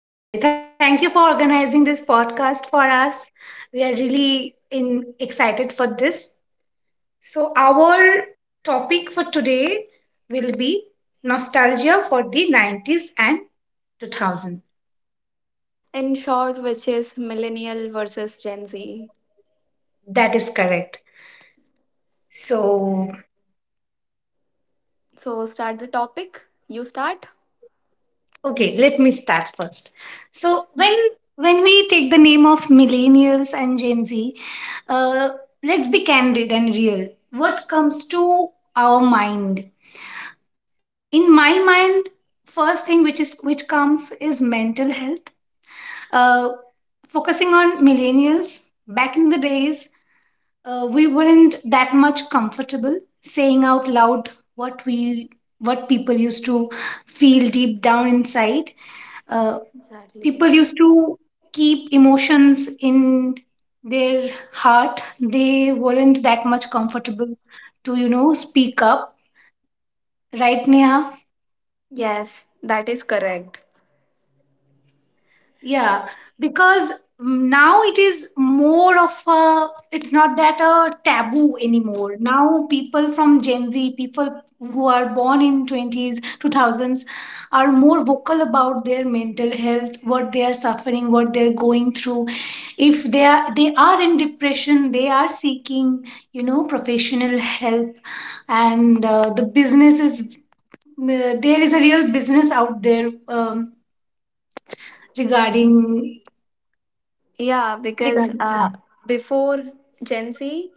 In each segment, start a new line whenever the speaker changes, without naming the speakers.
Exactly. Thank you for organizing this podcast for us. We are really in excited for this. So our topic for today will be nostalgia for the 90s and 2000.
In short, which is millennial versus Gen Z.
That is correct. So,
So, start the topic. You start?
okay, let me start first. So when we take the name of millennials and Gen Z, uh, let's be candid and real. What comes to our mind, in my mind, first thing which comes is mental health, uh, focusing on millennials back in the days. We weren't that much comfortable saying out loud what we what people used to feel deep down inside. uh,
Exactly.
People used to keep emotions in their heart. They weren't that much comfortable to speak up, right, Neha?
Yes, that is correct.
Yeah, because now it is more of a — it's not that a taboo anymore. Now people from Gen Z, people who are born in 20s, 2000s are more vocal about their mental health, what they are suffering, what they're going through. If they are in depression, they are seeking, professional help. And the business is, there is a real business out there, regarding
Yeah, because
regarding that.
before Gen Z,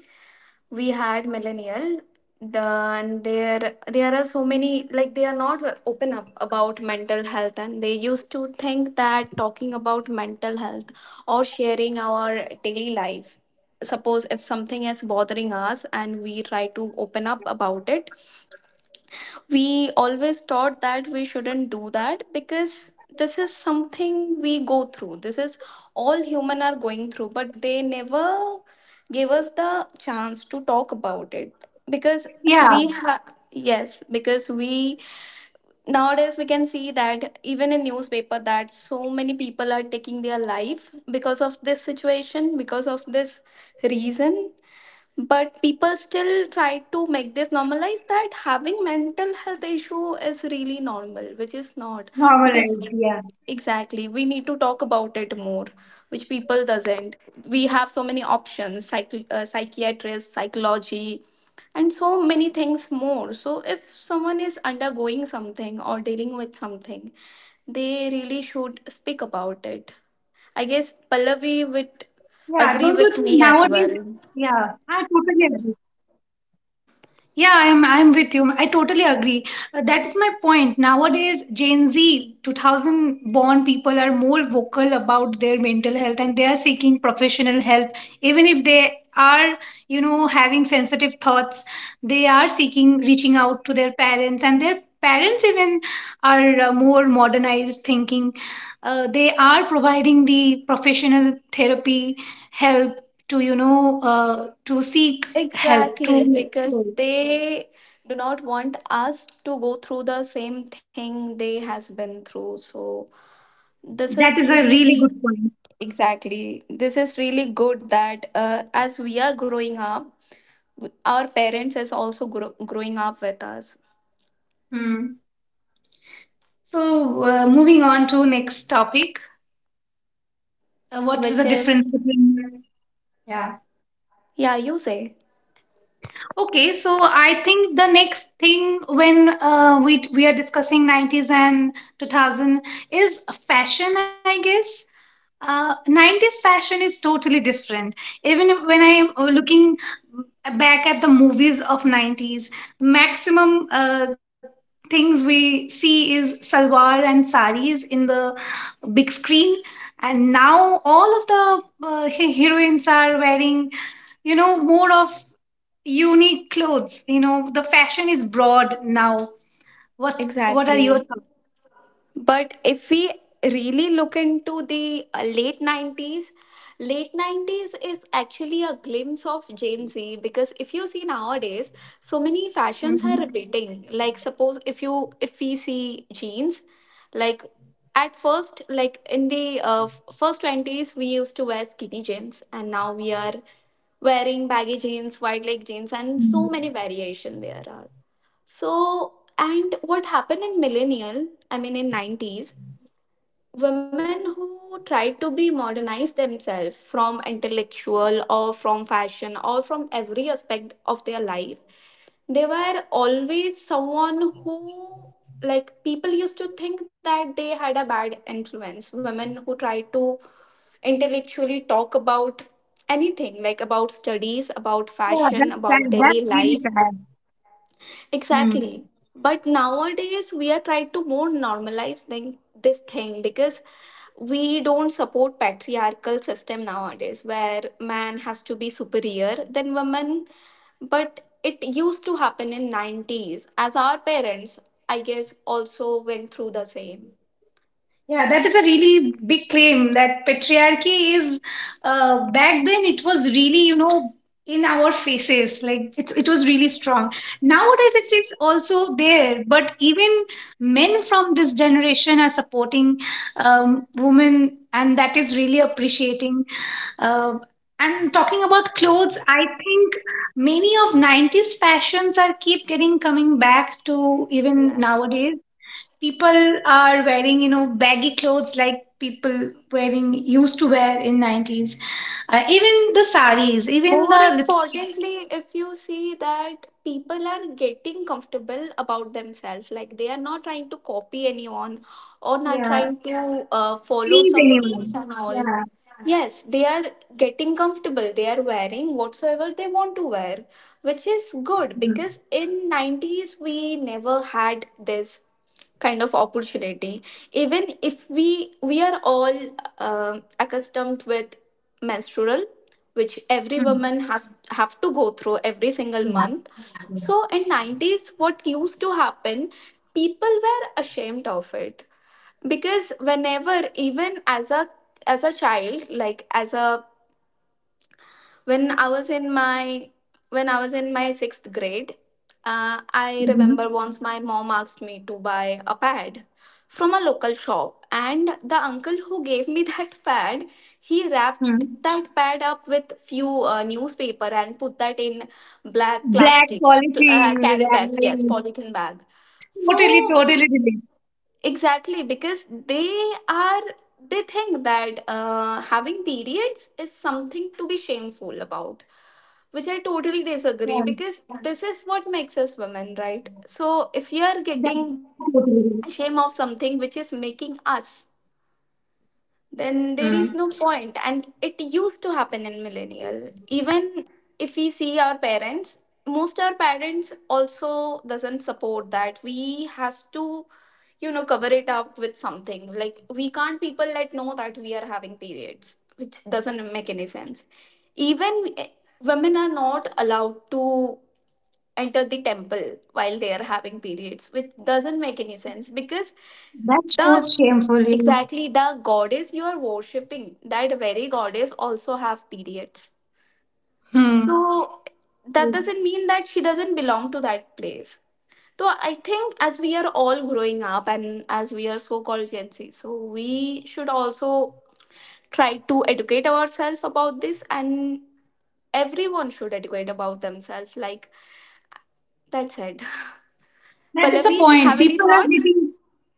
we had millennial the and there are so many, like, they are not open up about mental health, and they used to think that talking about mental health or sharing our daily life, suppose if something is bothering us and we try to open up about it, we always thought that we shouldn't do that because this is something we go through, this is all human are going through, but they never gave us the chance to talk about it because
Yeah.
we have yes because we nowadays we can see that even in newspaper that so many people are taking their life because of this situation, because of this reason, but people still try to make this normalize that having mental health issue is really normal, which is not. Because
Normalized, yeah.
exactly, we need to talk about it more, which people doesn't. We have so many options, psychiatrist, psychology, and so many things more. So if someone is undergoing something or dealing with something, they really should speak about it. I guess
Yeah. Don't you think,
Pallavi would
nowadays?
agree
Yeah,
with
I
me as
totally
well.
agree. Yeah, I'm with you. I totally agree. That is my point. Nowadays, Gen Z, 2000 born people are more vocal about their mental health, and they are seeking professional help even if they are, having sensitive thoughts. They are seeking reaching out to their parents, and their parents even are, more modernized thinking. They are providing the professional therapy help to, uh, seek help
Exactly,
to
because
grow.
they do not want us to go through the same thing they has been through. So this
That
is
is a really
really,
good point.
exactly, this is really good that as we are growing up, our parents is also growing up with us,
Hmm. So, moving on to next topic. What is
which
the difference
is,
between, yeah?
yeah, you say.
Okay, so I think the next thing when we are discussing 90s and 2000 is fashion, I guess. 90s fashion is totally different. Even when I'm looking back at the movies of 90s, maximum things we see is salwar and saris in the big screen. And now all of the, heroines are wearing, you know, more of unique clothes. The fashion is broad now. What are your
Exactly.
thoughts?
But if we really look into the late 90s, late 90s is actually a glimpse of Gen Z because if you see nowadays, so many fashions are
Mhm.
repeating. Like suppose if you, if we see jeans, like at first, like in the first 20s we used to wear skinny jeans, and now we are wearing baggy jeans, wide leg jeans, and so many variation there are. So, and what happened in millennial, I mean in 90s, women who tried to be modernized themselves from intellectual or from fashion or from every aspect of their life, they were always someone who, like, people used to think that they had a bad influence. Women who tried to intellectually talk about anything, like about studies, about
Yeah,
fashion,
that's sad.
about daily
That's really
life.
sad. Hmm.
Exactly. But nowadays we are trying to more normalize thing, this thing, because we don't support patriarchal system nowadays where man has to be superior than woman. But it used to happen in 90s, as our parents I guess also went through the same.
Yeah, that is a really big claim, that patriarchy is, back then, it was really, you know, in our faces. Like, it was really strong. Nowadays it is also there, but even men from this generation are supporting, women, and that is really appreciating. Uh, and talking about clothes, I think many of 90s fashions are keep getting coming back to even
Yes.
nowadays. People are wearing, baggy clothes, like people wearing used to wear in 90s, even the saris, even
More
the lipstick.
importantly, if you see that people are getting comfortable about themselves, like they are not trying to copy anyone or not
Yeah,
trying to follow
please,
some rules
anyone.
and all.
Yeah.
Yes, they are getting comfortable. They are wearing whatsoever they want to wear, which is good
Mhm.
because in 90s we never had this kind of opportunity. Even if we are all accustomed with menstrual, which every
Mhm.
woman has have to go through every single month.
Yeah.
So in 90s what used to happen, people were ashamed of it because whenever, even as a as a child like as a when I was in my when I was in my 6th grade, I
Mhm.
remember once my mom asked me to buy a pad from a local shop, and the uncle who gave me that pad, he wrapped
Mhm.
that pad up with few newspaper and put that in black
Black
plastic
polishing,
carry bag, yes,
right.
polythene bag. So
Totally, totally delete.
exactly, because they are, they think that having periods is something to be shameful about, which I totally
Yeah,
disagree because this is what makes us women, right? So if you are
that's
getting
totally delete.
shame of something which is making us, then
Mm.
there is no point. And it used to happen in millennial. Even if we see our parents, most our parents also doesn't support that we has to, you know, cover it up with something, like we can't people let know that we are having periods, which doesn't make any sense. Even women are not allowed to enter the temple while they are having periods, which doesn't make any sense because
That shows
the,
shameful, yeah.
exactly, the goddess you are worshipping, that very goddess also have periods. So
Hmm.
that doesn't mean that she doesn't belong to that place. So I think as we are all growing up and as we are so called Gen Z, so we should also try to educate ourselves about this, and everyone should educate about themselves. Like that's it.
That is the
Pallavi,
point.
have any
People are
thought?
getting —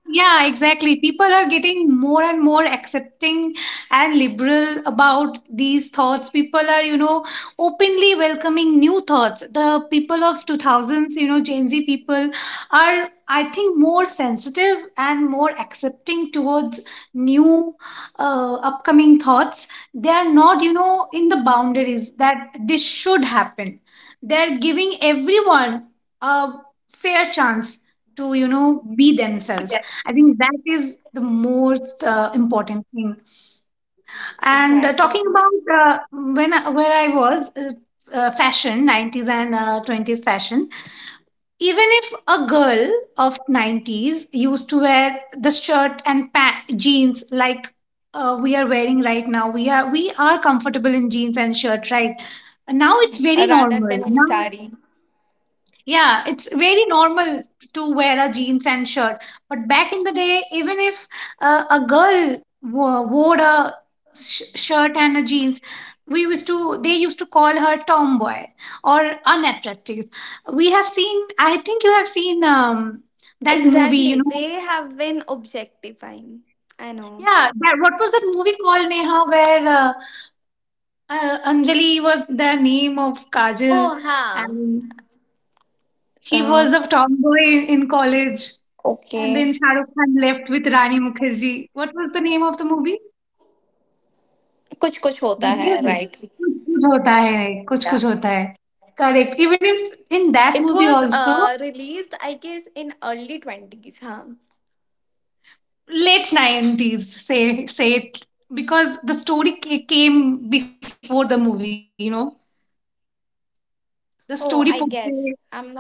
yeah, exactly. People are getting more and more accepting and liberal about these thoughts. People are, openly welcoming new thoughts. The people of 2000s, Gen Z people, are, I think, more sensitive and more accepting towards new, upcoming thoughts. They are not, in the boundaries that this should happen. They're giving everyone a fair chance to be
Yeah,
themselves. I think that is the most, important thing. And,
exactly.
talking about, when I, where I was, fashion, 90s and, 20s fashion. Even if a girl of 90s used to wear the shirt and jeans, like, we are wearing right now. We are comfortable in jeans and shirt, right now it's very
Rather than
normal now.
Ansari.
Yeah, it's very normal to wear a jeans and shirt. But back in the day, even if, a girl wore a shirt and a jeans, we used to they used to call her tomboy or unattractive. We have seen — I think you have seen, that movie, you
Exactly.
know.
They have been objectifying. I know.
Yeah, that — what was that movie called, Neha, where, Anjali was the name of Kajal,
Oh, huh.
and she
Uh,
was a tomboy in college, and
okay.
then Shah Rukh Khan left with Rani Mukherjee. What was the name of the movie?
कुछ कुछ होता है,
DDLJ.
right?
कुछ कुछ होता है कुछ
Yeah.
कुछ होता है. Correct. Even if in that
It
movie
was
also,
released, I guess, in early 20s, huh?
late 90s, say it, because the story came before the movie, you know.
Oh, I
The story
guess. I'm
portrayed,
not
yeah,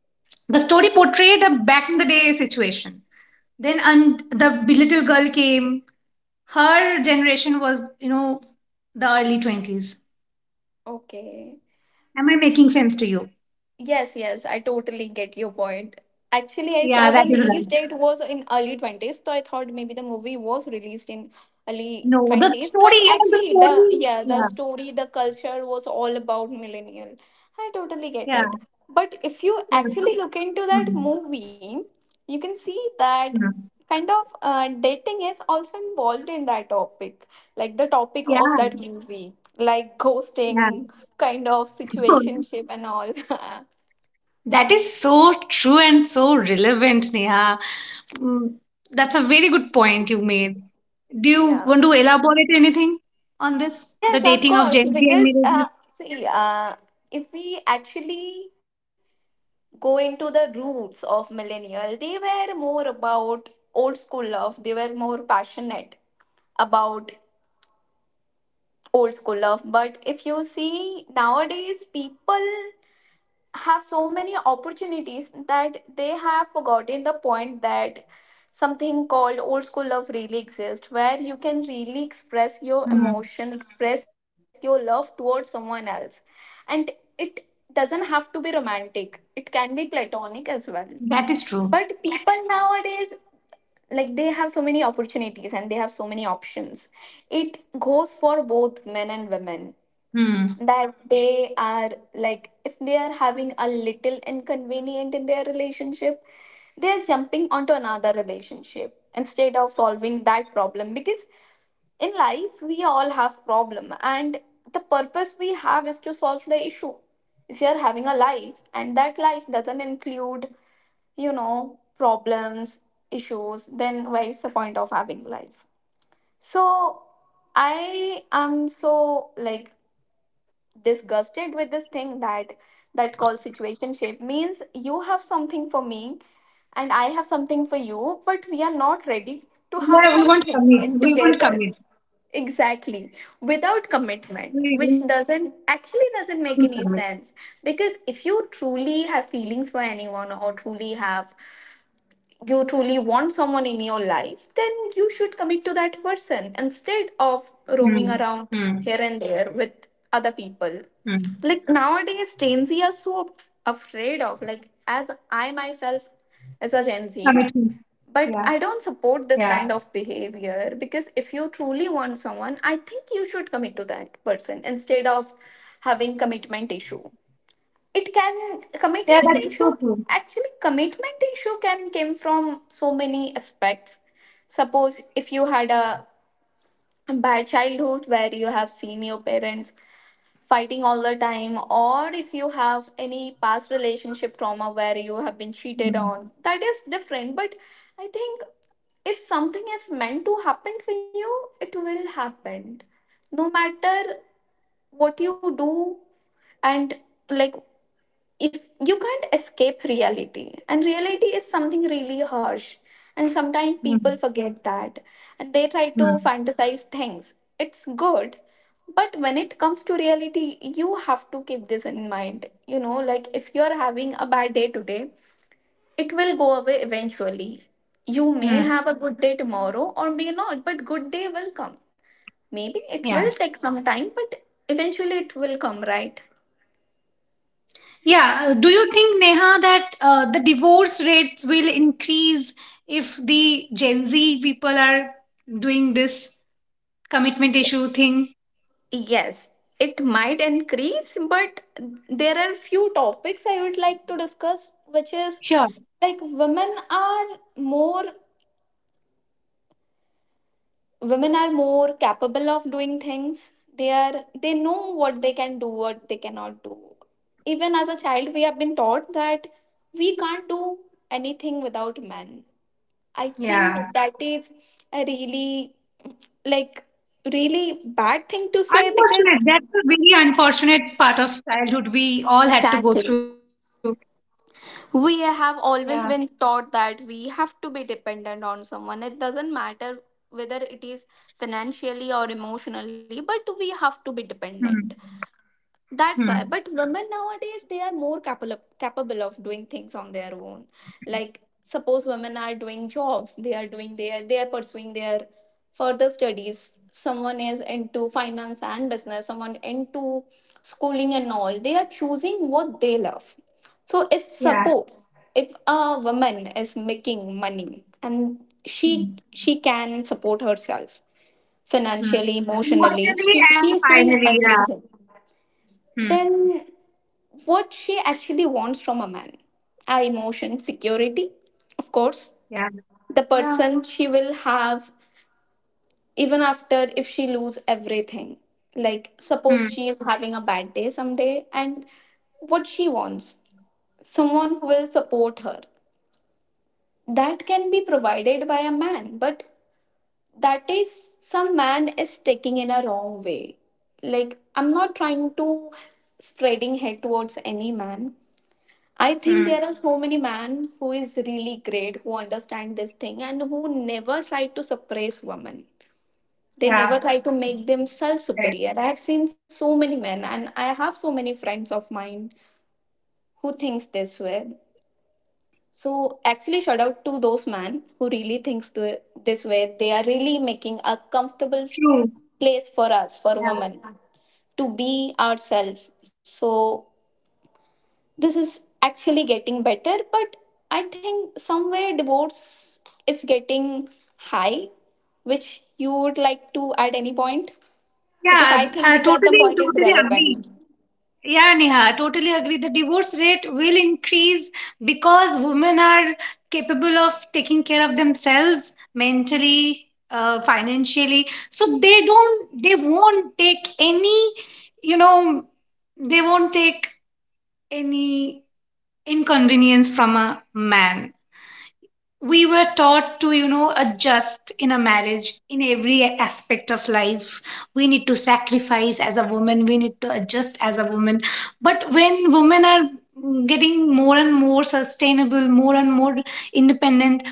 the story portrayed a back in the day situation. Then, and the little girl came, her generation was, the early 20s.
okay.
Am I making sense to you?
Yes, yes, I totally get your point. Actually, I
Yeah,
saw the
that is right.
release date was in early 20s, so I thought maybe the movie was released in early
No, the
20s,
story,
but
you know, the
actually the,
story,
yeah, the
yeah,
story, the culture was all about millennial. I totally get
yeah,
it. But if you
yeah.
actually look into that
Hmm,
movie, you can see that
hmm.
kind of dating is also involved in that topic, like the topic
Yeah,
of that movie, like
yeah.
ghosting, kind of situationship and all.
That is so true and so relevant, Neha. Mm, that's a very good point you made. Do you
Yeah.
want to elaborate anything on this? The
Yes, of
dating of
course.
Gen Z and
Because uh,
millennials.
see, uh, if we actually go into the roots of millennial, they were more about old school love. They were more passionate about old school love. But if you see nowadays, people have so many opportunities that they have forgotten the point that something called old school love really exists, where you can really express your
Hmm,
emotion, express your love towards someone else, and it doesn't have to be romantic, it can be platonic as well.
that is
But
true.
people nowadays, like, they have so many opportunities and they have so many options. It goes for both men and women.
Hmm.
That they are, like, if they are having a little inconvenient in their relationship, they are jumping onto another relationship instead of solving that problem, because in life we all have problem, and the purpose we have is to solve the issue. If you are having a life and that life doesn't include, you know, problems, issues, then where is the point of having life? So I am so, like, disgusted with this thing that, that called situationship, means you have something for me and I have something for you, but we are not ready to have
Yeah, we won't
something
commit
in
we won't
together.
commit
Exactly.
We do not
Without
submit.
commitment, which doesn't actually doesn't make any sense. Because if you truly have feelings for anyone or truly have,
Mm,
you truly
mm,
want someone in your life, then you should commit to
mm,
that person instead of roaming
mm.
around here and there with other people. Like nowadays, Gen Z are so afraid of, like, as I myself
Submitting.
as a Gen
Yeah,
Z, but
yeah,
I don't support this kind of behavior because if you truly want someone, I think you should commit to that person instead of having commitment issue. It can
yeah. That is so
commitment
true.
issue, actually commitment issue can come from so many aspects. Suppose if you had a bad childhood where you have seen your parents fighting all the time, or if you have any past relationship trauma where you have been cheated on, that is different. But I think if something is meant to happen for you, it will happen no matter what you do. And, like, if you can't escape reality, and reality is something really harsh, and sometimes
Mm,
people forget that and they try to
mm,
fantasize things, it's good. But when it comes to reality, you have to keep this in mind, you know, like if you're having a bad day today, it will go away eventually. You may
mm.
have a good day tomorrow or may not, but good day will come. Maybe it will
Yeah,
take some time, but eventually it will come, right?
yeah. Do you think, Neha, that, the divorce rates will increase if the Gen Z people are doing this commitment issue thing?
Yes, it might increase, but there are few topics I would like to discuss, which is,
Sure.
like, women are more, women are more capable of doing things. They are, they know what they can do, what they cannot do. Even as a child, we have been taught that we can't do anything without men. I think
Yeah.
that is a really, like, really bad thing to say because,
Unfortunate. That's a very unfortunate part of childhood we all had to go
exactly,
through.
we
Yeah.
have always been taught that we have to be dependent on someone. It doesn't matter whether it is financially or emotionally, but we have to be
Hmm.
dependent. That's
Hmm.
why. But women nowadays, they are more capable of doing things on their own. Like suppose women are doing jobs, they are doing their, they are pursuing their further studies. Someone is into finance and business, someone into schooling and all. They are choosing what they love. So if
Yeah.
suppose if a woman is making money and she
Hmm.
she can support herself
Hmm.
financially, emotionally,
Emotionally
she,
and
she is doing
finally, yeah.
everything,
Hmm.
then what she actually wants from a man are emotion security, of course,
Yeah.
the
Yeah.
person she will have even after if she lose everything. Like
Hmm.
suppose she is having a bad day someday, and what she wants, someone who will support her, that can be provided by a man. But that is, some man is taking in a wrong way. Like I'm not trying to spreading hate towards any man. I think
Hmm.
there are so many men who is really great, who understand this thing, and who never try to suppress women. They never
Yeah.
try to make themselves
Right.
superior. I have seen so many men, and I have so many friends of mine who thinks this way. So actually, shout out to those men who really thinks this way. They are really making a comfortable
True.
place for us, for
Yeah.
women, to be ourselves. So this is actually getting better, but I think somewhere divorce is getting high, which you would like to at any point, because I
Yeah.
think
I
these are the
totally,
point is
totally
relevant.
agree. Yeah, Neha, I totally agree. The divorce rate will increase because women are capable of taking care of themselves mentally, financially. So they won't take you know, they won't take any inconvenience from a man. We were taught to, adjust in a marriage, in every aspect of life. We need to sacrifice as a woman, we need to adjust as a woman. But when women are getting more and more sustainable, more and more independent,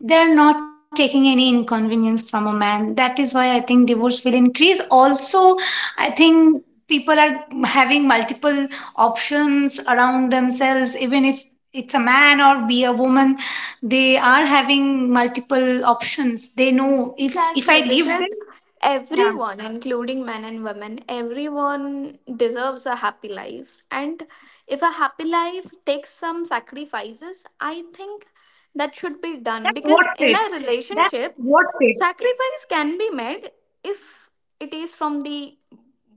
they are not taking any inconvenience from a man. That is why I think divorce will increase. Also, I think people are having multiple options around themselves, even if it's a man or be a woman. They are having multiple options. They know, if I
Exactly,
leave
because
them... Yeah,
everyone, including men and women, everyone deserves a happy life. And if a happy life takes some sacrifices, I think that should be done.
that's
Because
what's
in a
it, that's
relationship,
what's it.
sacrifice can be made if it is from the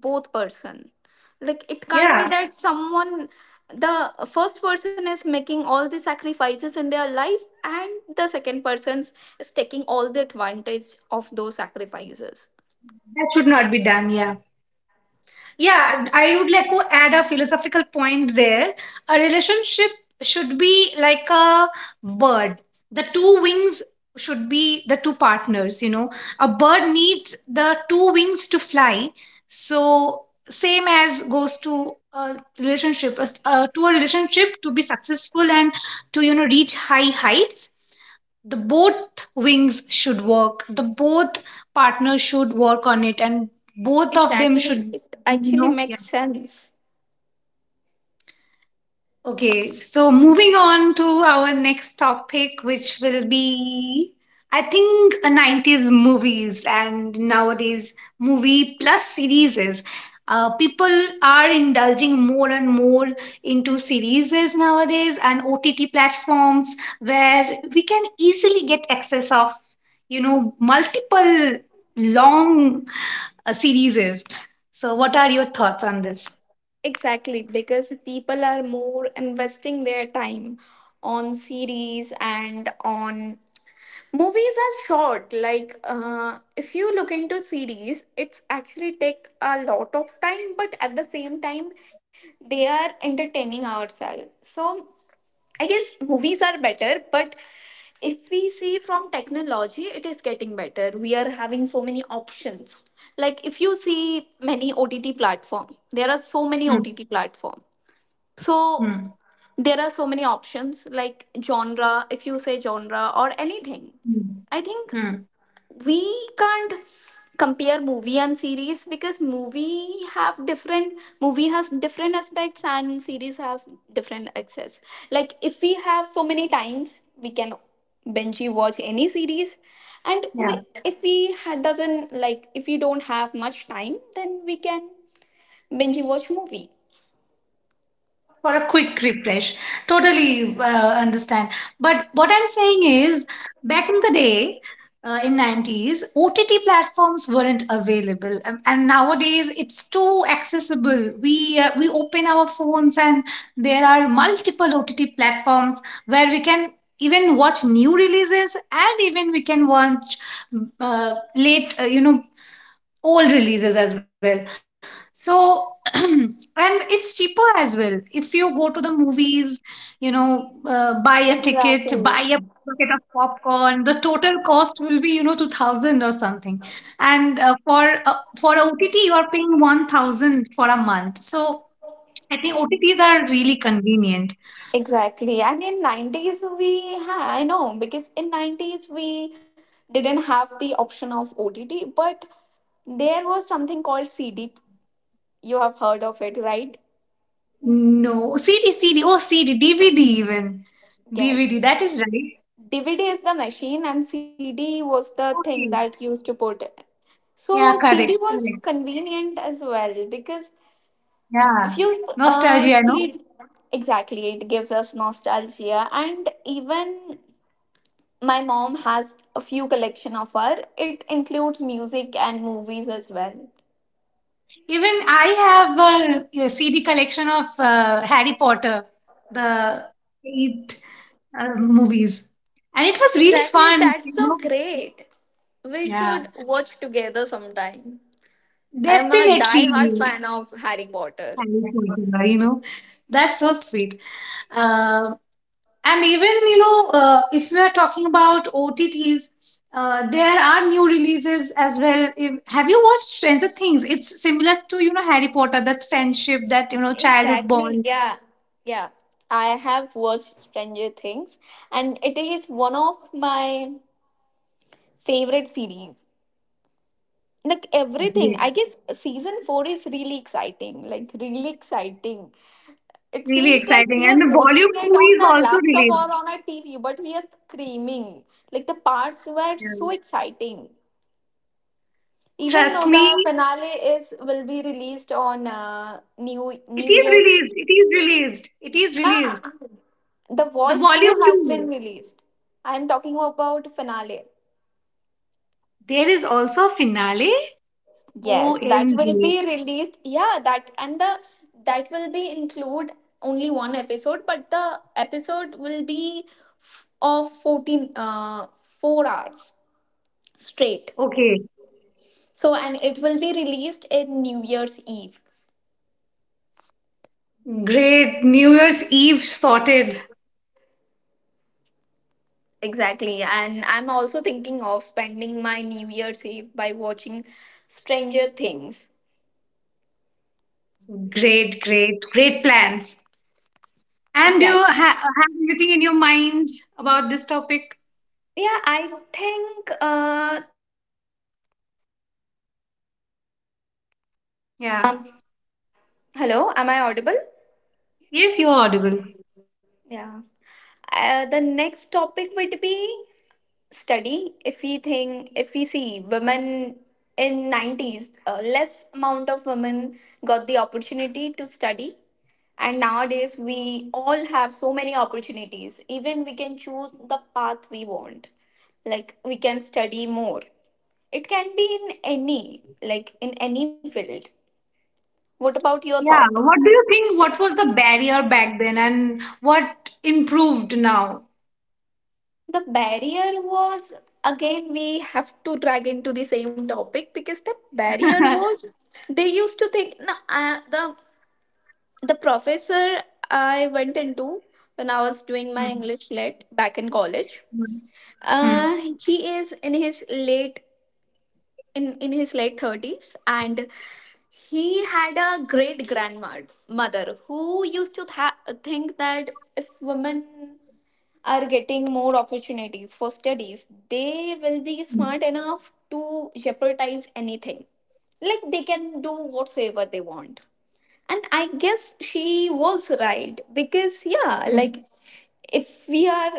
both person. Like it can't be
Yeah,
that someone, the first person is making all the sacrifices in their life and the second person is taking all the advantage of those sacrifices.
that should not be done. Yeah. Yeah, I would like to add a philosophical point there. A relationship should be like a bird. The two wings should be the two partners, you know. A bird needs the two wings to fly. So, same as goes to a relationship, to a relationship to be successful, and to, reach high heights, the both wings should work. The both partners should work on it, and both of them
Exactly,
should,
it
you
actually
know,
makes sense.
Okay, so moving on to our next topic, which will be, I think, 90s movies and nowadays movie plus series. People are indulging more and more into series nowadays and OTT platforms, where we can easily get access of, multiple long, series. So, what are your thoughts on this?
Exactly, because people are more investing their time on series, and on movies are short. Like if you look into series, it's actually take a lot of time, but at the same time they are entertaining ourselves. So I guess movies are better. But if we see from technology, it is getting better, we are having so many options. Like if you see many OTT platform, there are so many
Hmm.
OTT platform. So
Hmm.
there are so many options like genre, if you say genre or anything.
Hmm.
I think
Hmm.
we can't compare movie and series, because movie has different aspects and series has different access. Like if we have so many times, we can binge watch any series. And
Yeah,
we, if we ha- doesn't like if we don't have much time, then we can binge watch movie.
for a quick refresh. Totally, understand. But what I'm saying is, back in the day, in 90s, OTT platforms weren't available. And nowadays it's too accessible. We open our phones, and there are multiple OTT platforms where we can even watch new releases, and even we can watch, late, old releases as well. So, and it's cheaper as well. If you go to the movies, buy a ticket,
Exactly.
buy a bucket of popcorn, the total cost will be, 2000 or something. And, for a OTT you are paying 1000 for a month. So I think OTTs are really convenient.
Exactly. And in 90s we ha I know, because in 90s we didn't have the option of OTT, but there was something called CD. You have heard of it, right?
No, CD, CD, oh, CD, DVD, even DVD,
Yes.
that is right.
DVD is the machine and CD was the thing
Okay,
that used to put. So
yeah,
CD
correct,
was
correct.
convenient as well, because
Yeah,
if you
nostalgia, no?
see it, exactly, it gives us nostalgia. And even my mom has a few collection of her. It includes music and movies as well.
Even I have a CD collection of, Harry Potter, the eight, movies, and it was really
Exactly,
fun, you
that's so
know?
great. We
Yeah,
should watch together sometime. I am a
definitely.
die-hard fan of Harry Potter.
Harry Potter, you know? That's so sweet. Um, and even, if we are talking about OTTs, there are new releases as well. If, Have you watched Stranger Things? It's similar to, Harry Potter, that friendship, that childhood
Exactly,
bond.
yeah. Yeah. I have watched Stranger Things, and it is one of my favorite series. Like everything, I
Great.
guess season 4 is really exciting, like really exciting. It
Really
seems like
exciting,
we are
and the
watching
volume
it
2
on
is
a
also
laptop
released.
or on a TV, but we are screaming. Like the parts were so
Yeah,
exciting. Even
trust
though the
me,
finale is will be released on New
it
New Year's.
is released, it is released, it is
Nah,
released.
the
The
Wolf
volume
2 has been
2,
released. I am talking about finale.
there is also a finale.
Yes, that
OMG.
will be released. Yeah, that and the that will be include only one episode, but the episode will be f- of 14 uh 4 hours straight.
Okay,
So and it will be released in New Year's Eve.
great. New Year's Eve sorted.
Exactly. And I'm also thinking of spending my New Year's Eve by watching Stranger Things.
Great, great, great plans. And do you
Exactly.
have anything in your mind about this topic?
Yeah, I think
Yeah.
Hello, am I audible?
Yes, you're audible.
Yeah. The next topic would be study. If we see women in 90s, less amount of women got the opportunity to study. And nowadays, we all have so many opportunities. Even we can choose the path we want. Like, we can study more. It can be in any, like, in any field. What about your
Yeah.
thought?
What do you think? What was the barrier back then, and what improved now?
The barrier was, again we have to drag into the same topic because the barrier was, they used to think no, the professor I went into when I was
Hmm.
doing my english lit back in college,
Hmm. Hmm.
uh, he is in his late, in his late 30s, and he had a great grandmother mother who think that if women are getting more opportunities for studies, they will be
Hmm.
smart enough to jeopardize anything. Like they can do whatsoever they want. And I guess she was right because, yeah,
Hmm.
like if we are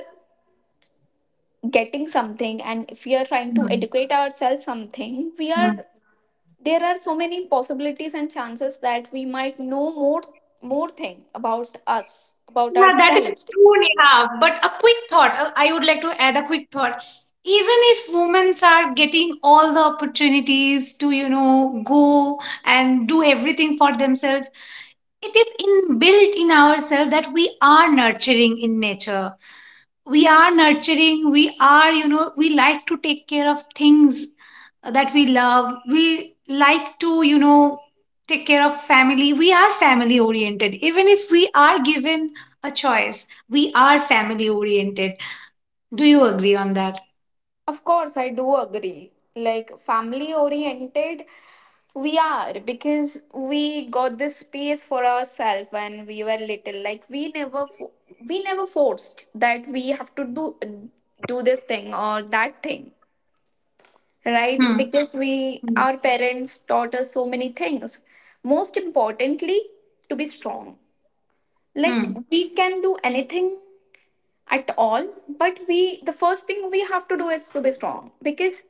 getting something and if we are trying to
Hmm.
educate ourselves something, we are,
Hmm.
there are so many possibilities and chances that we might know more more thing about us, about
Yeah, that is
ourselves.
true, Neha. But a quick thought, I would like to add a quick thought. Even if women are getting all the opportunities to, you know, go and do everything for themselves, it is inbuilt in ourselves that we are nurturing in nature, we are you know, we like to take care of things that we love, we like to, you know, take care of family. We are family oriented. Even if we are given a choice, we are family oriented. Do you agree on that?
Of course, I do agree. Like family oriented, we are, because we got this space for ourselves when we were little. Like we never, we never forced that we have to do this thing or that thing, right?
Hmm.
Because we,
Hmm.
our parents taught us so many things. Most importantly, to be strong. Like
Hmm.
we can do anything at all, but we, the first thing we have to do is to be strong, because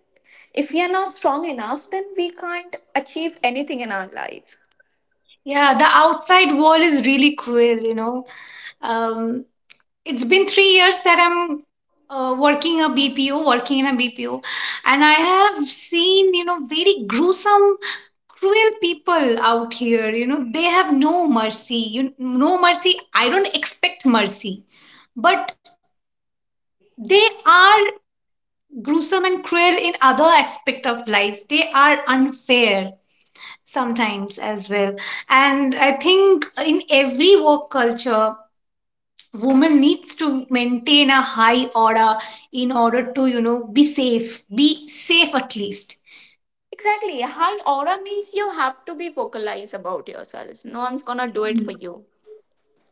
if we are not strong enough then we can't achieve anything in our life.
Yeah, the outside world is really cruel, you know. um it's been 3 years that I'm working in a BPO, and I have seen, you know, very gruesome, cruel people out here. You know, they have no mercy. You no mercy. I don't expect mercy, but they are gruesome and cruel in other aspect of life. They are unfair sometimes as well, and I think in every work culture woman needs to maintain a high order in order to, you know, be safe at least.
Exactly, high aura means you have to be vocalized about yourself, no one's gonna do it for
Mm.
you.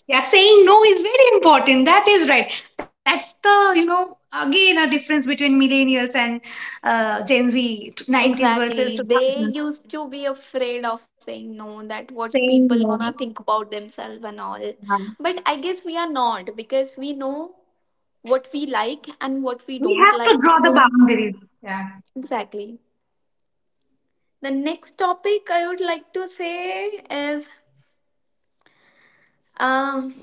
Yeah, saying no is very important, that is right. That's the, you know, again, a difference between millennials and gen z, 90s versus
Exactly,
2000.
they used to be afraid of saying no, that what
Saying
people
no.
gonna think about themselves and all.
Yeah.
But I guess we are not, because we know what we like and what we
We
don't
have to
like,
draw the
so
boundaries. Yeah.
exactly. The next topic I would like to say is, um,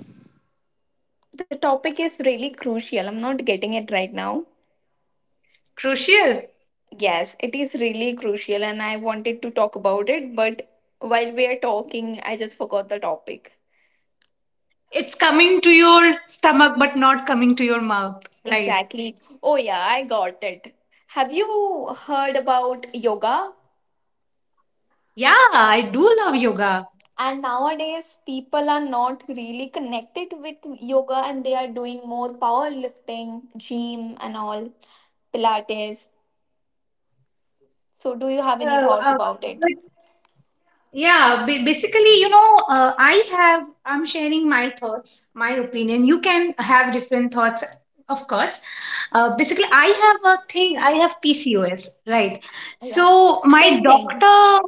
the topic is really crucial. I'm not getting it right now.
Crucial.
Yes, it is really crucial, and I wanted to talk about it, but while we are talking, I just forgot the topic.
It's coming to your stomach but not coming to your mouth. Right.
Exactly. Oh, yeah, I got it. Have you heard about yoga?
Yeah, I do love yoga.
And nowadays, people are not really connected with yoga and they are doing more powerlifting, gym, and all, Pilates. So, do you
uh,
have any
uh,
thoughts about it?
Yeah, basically, you know, I have, I'm sharing my thoughts, my opinion. You can have different thoughts, of course. Basically, I have a thing, I have PCOS, right?
Yeah,
So my
same thing.
doctor,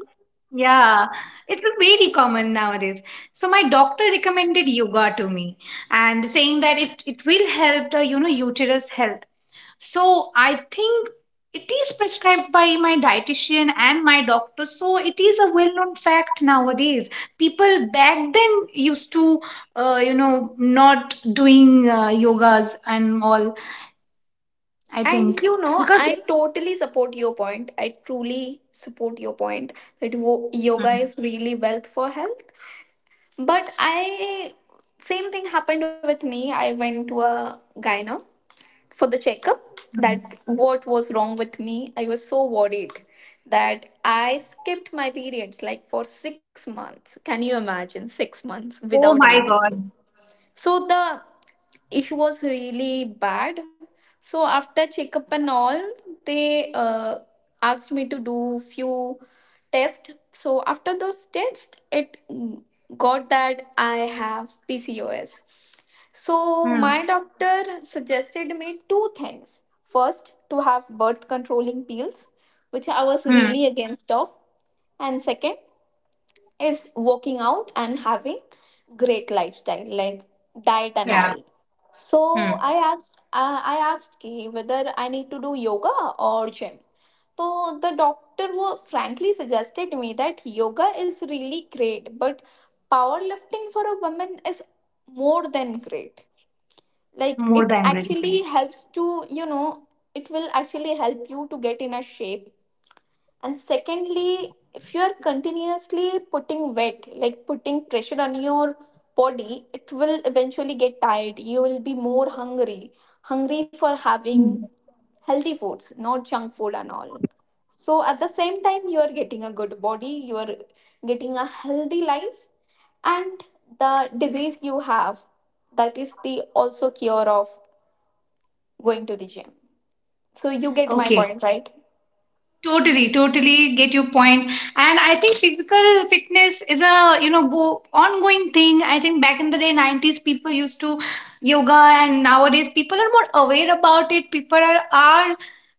yeah, it's very common nowadays. So my doctor recommended yoga to me and saying that it will help the, you know, uterus health. So I think it is prescribed by my dietitian and my doctor. So it is a well-known fact nowadays. People back then used to, you know, not doing yogas and all. I
And
think
you know,
because.
I totally support your point. I truly support your point that yoga is
Hmm,
really wealth for health. But I, same thing happened with me. I went to a gyno for the checkup, that
hmm.
what was wrong with me. I was so worried that I skipped my periods like for 6 months. Can you imagine 6 months without
Oh
any
my
period?
God.
So the issue was really bad. So after checkup and all, they asked me to do few tests. So after those tests, it got that I have PCOS. So
Hmm.
my doctor suggested me two things. First, to have birth controlling pills, which I was
Hmm.
really against of, and second, is working out and having great lifestyle like diet and
Yeah.
all. So
Hmm.
I asked, I asked ki whether I need to do yoga or gym. So the doctor wo frankly suggested me that yoga is really great, but powerlifting for a woman is more than great. Like
More
it
than gratitude.
actually helps to, you know, it will actually help you to get in a shape. And secondly, if you are continuously putting weight, like putting pressure on your body, it will eventually get tired, you will be more hungry, hungry for having
Hmm.
healthy foods, not junk food and all. So at the same time you are getting a good body, you are getting a healthy life. And the disease you have, that is the also cure of going to the gym. So you get my
Okay.
point, right?
Totally, totally get your point. And I think physical fitness is a, you know, ongoing thing. I think back in the day, nineties people used to yoga, and nowadays people are more aware about it. People are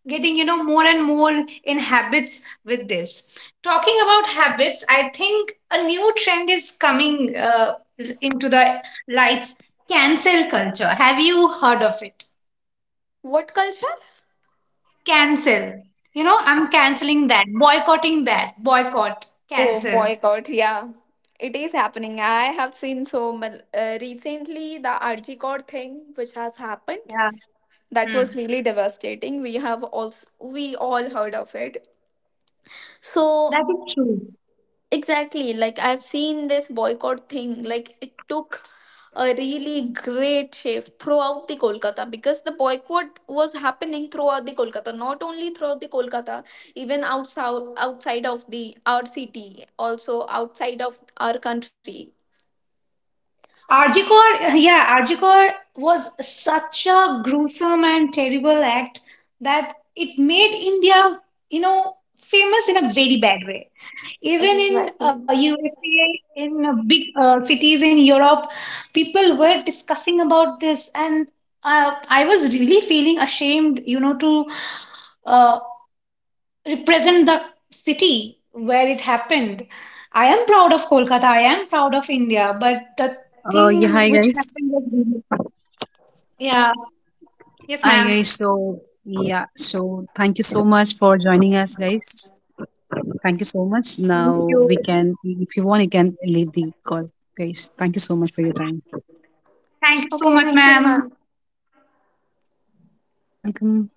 getting, you know, more and more in habits with this. Talking about habits, I think a new trend is coming into the lights. Cancel culture. Have you heard of it?
What culture?
Cancel. You know, I'm canceling that, boycotting that, boycott,
Oh,
cancel.
boycott. Yeah, it is happening. I have seen so much. Recently, the Archicot thing which has happened,
Yeah.
that
Hmm.
was really devastating. We have also, we all heard of it. So
That is true.
exactly. Like I've seen this boycott thing. Like it took a really great shape throughout the Kolkata, because the boycott was happening throughout the Kolkata, not only throughout the Kolkata, even outside of the our city, also outside of our country.
Arjikor, yeah, Arjikor was such a gruesome and terrible act that it made India, you know, famous in a very bad way. Even in
Exactly.
USA, in big cities in Europe, people were discussing about this, and I was really feeling ashamed, you know, to uh, represent the city where it happened. I am proud of Kolkata. I am proud of India. But the
Yeah,
thing
hi
which
guys.
happened was really- yeah. Yes,
Hi
ma'am.
guys. So thank you so much for joining us, guys. Thank you so much. Now
Thank you.
we can, if you want, you can leave the call, guys. Thank you so much for your time.
Okay,
Thank you
thank
so
you,
much,
ma'am.
ma'am.
You're welcome.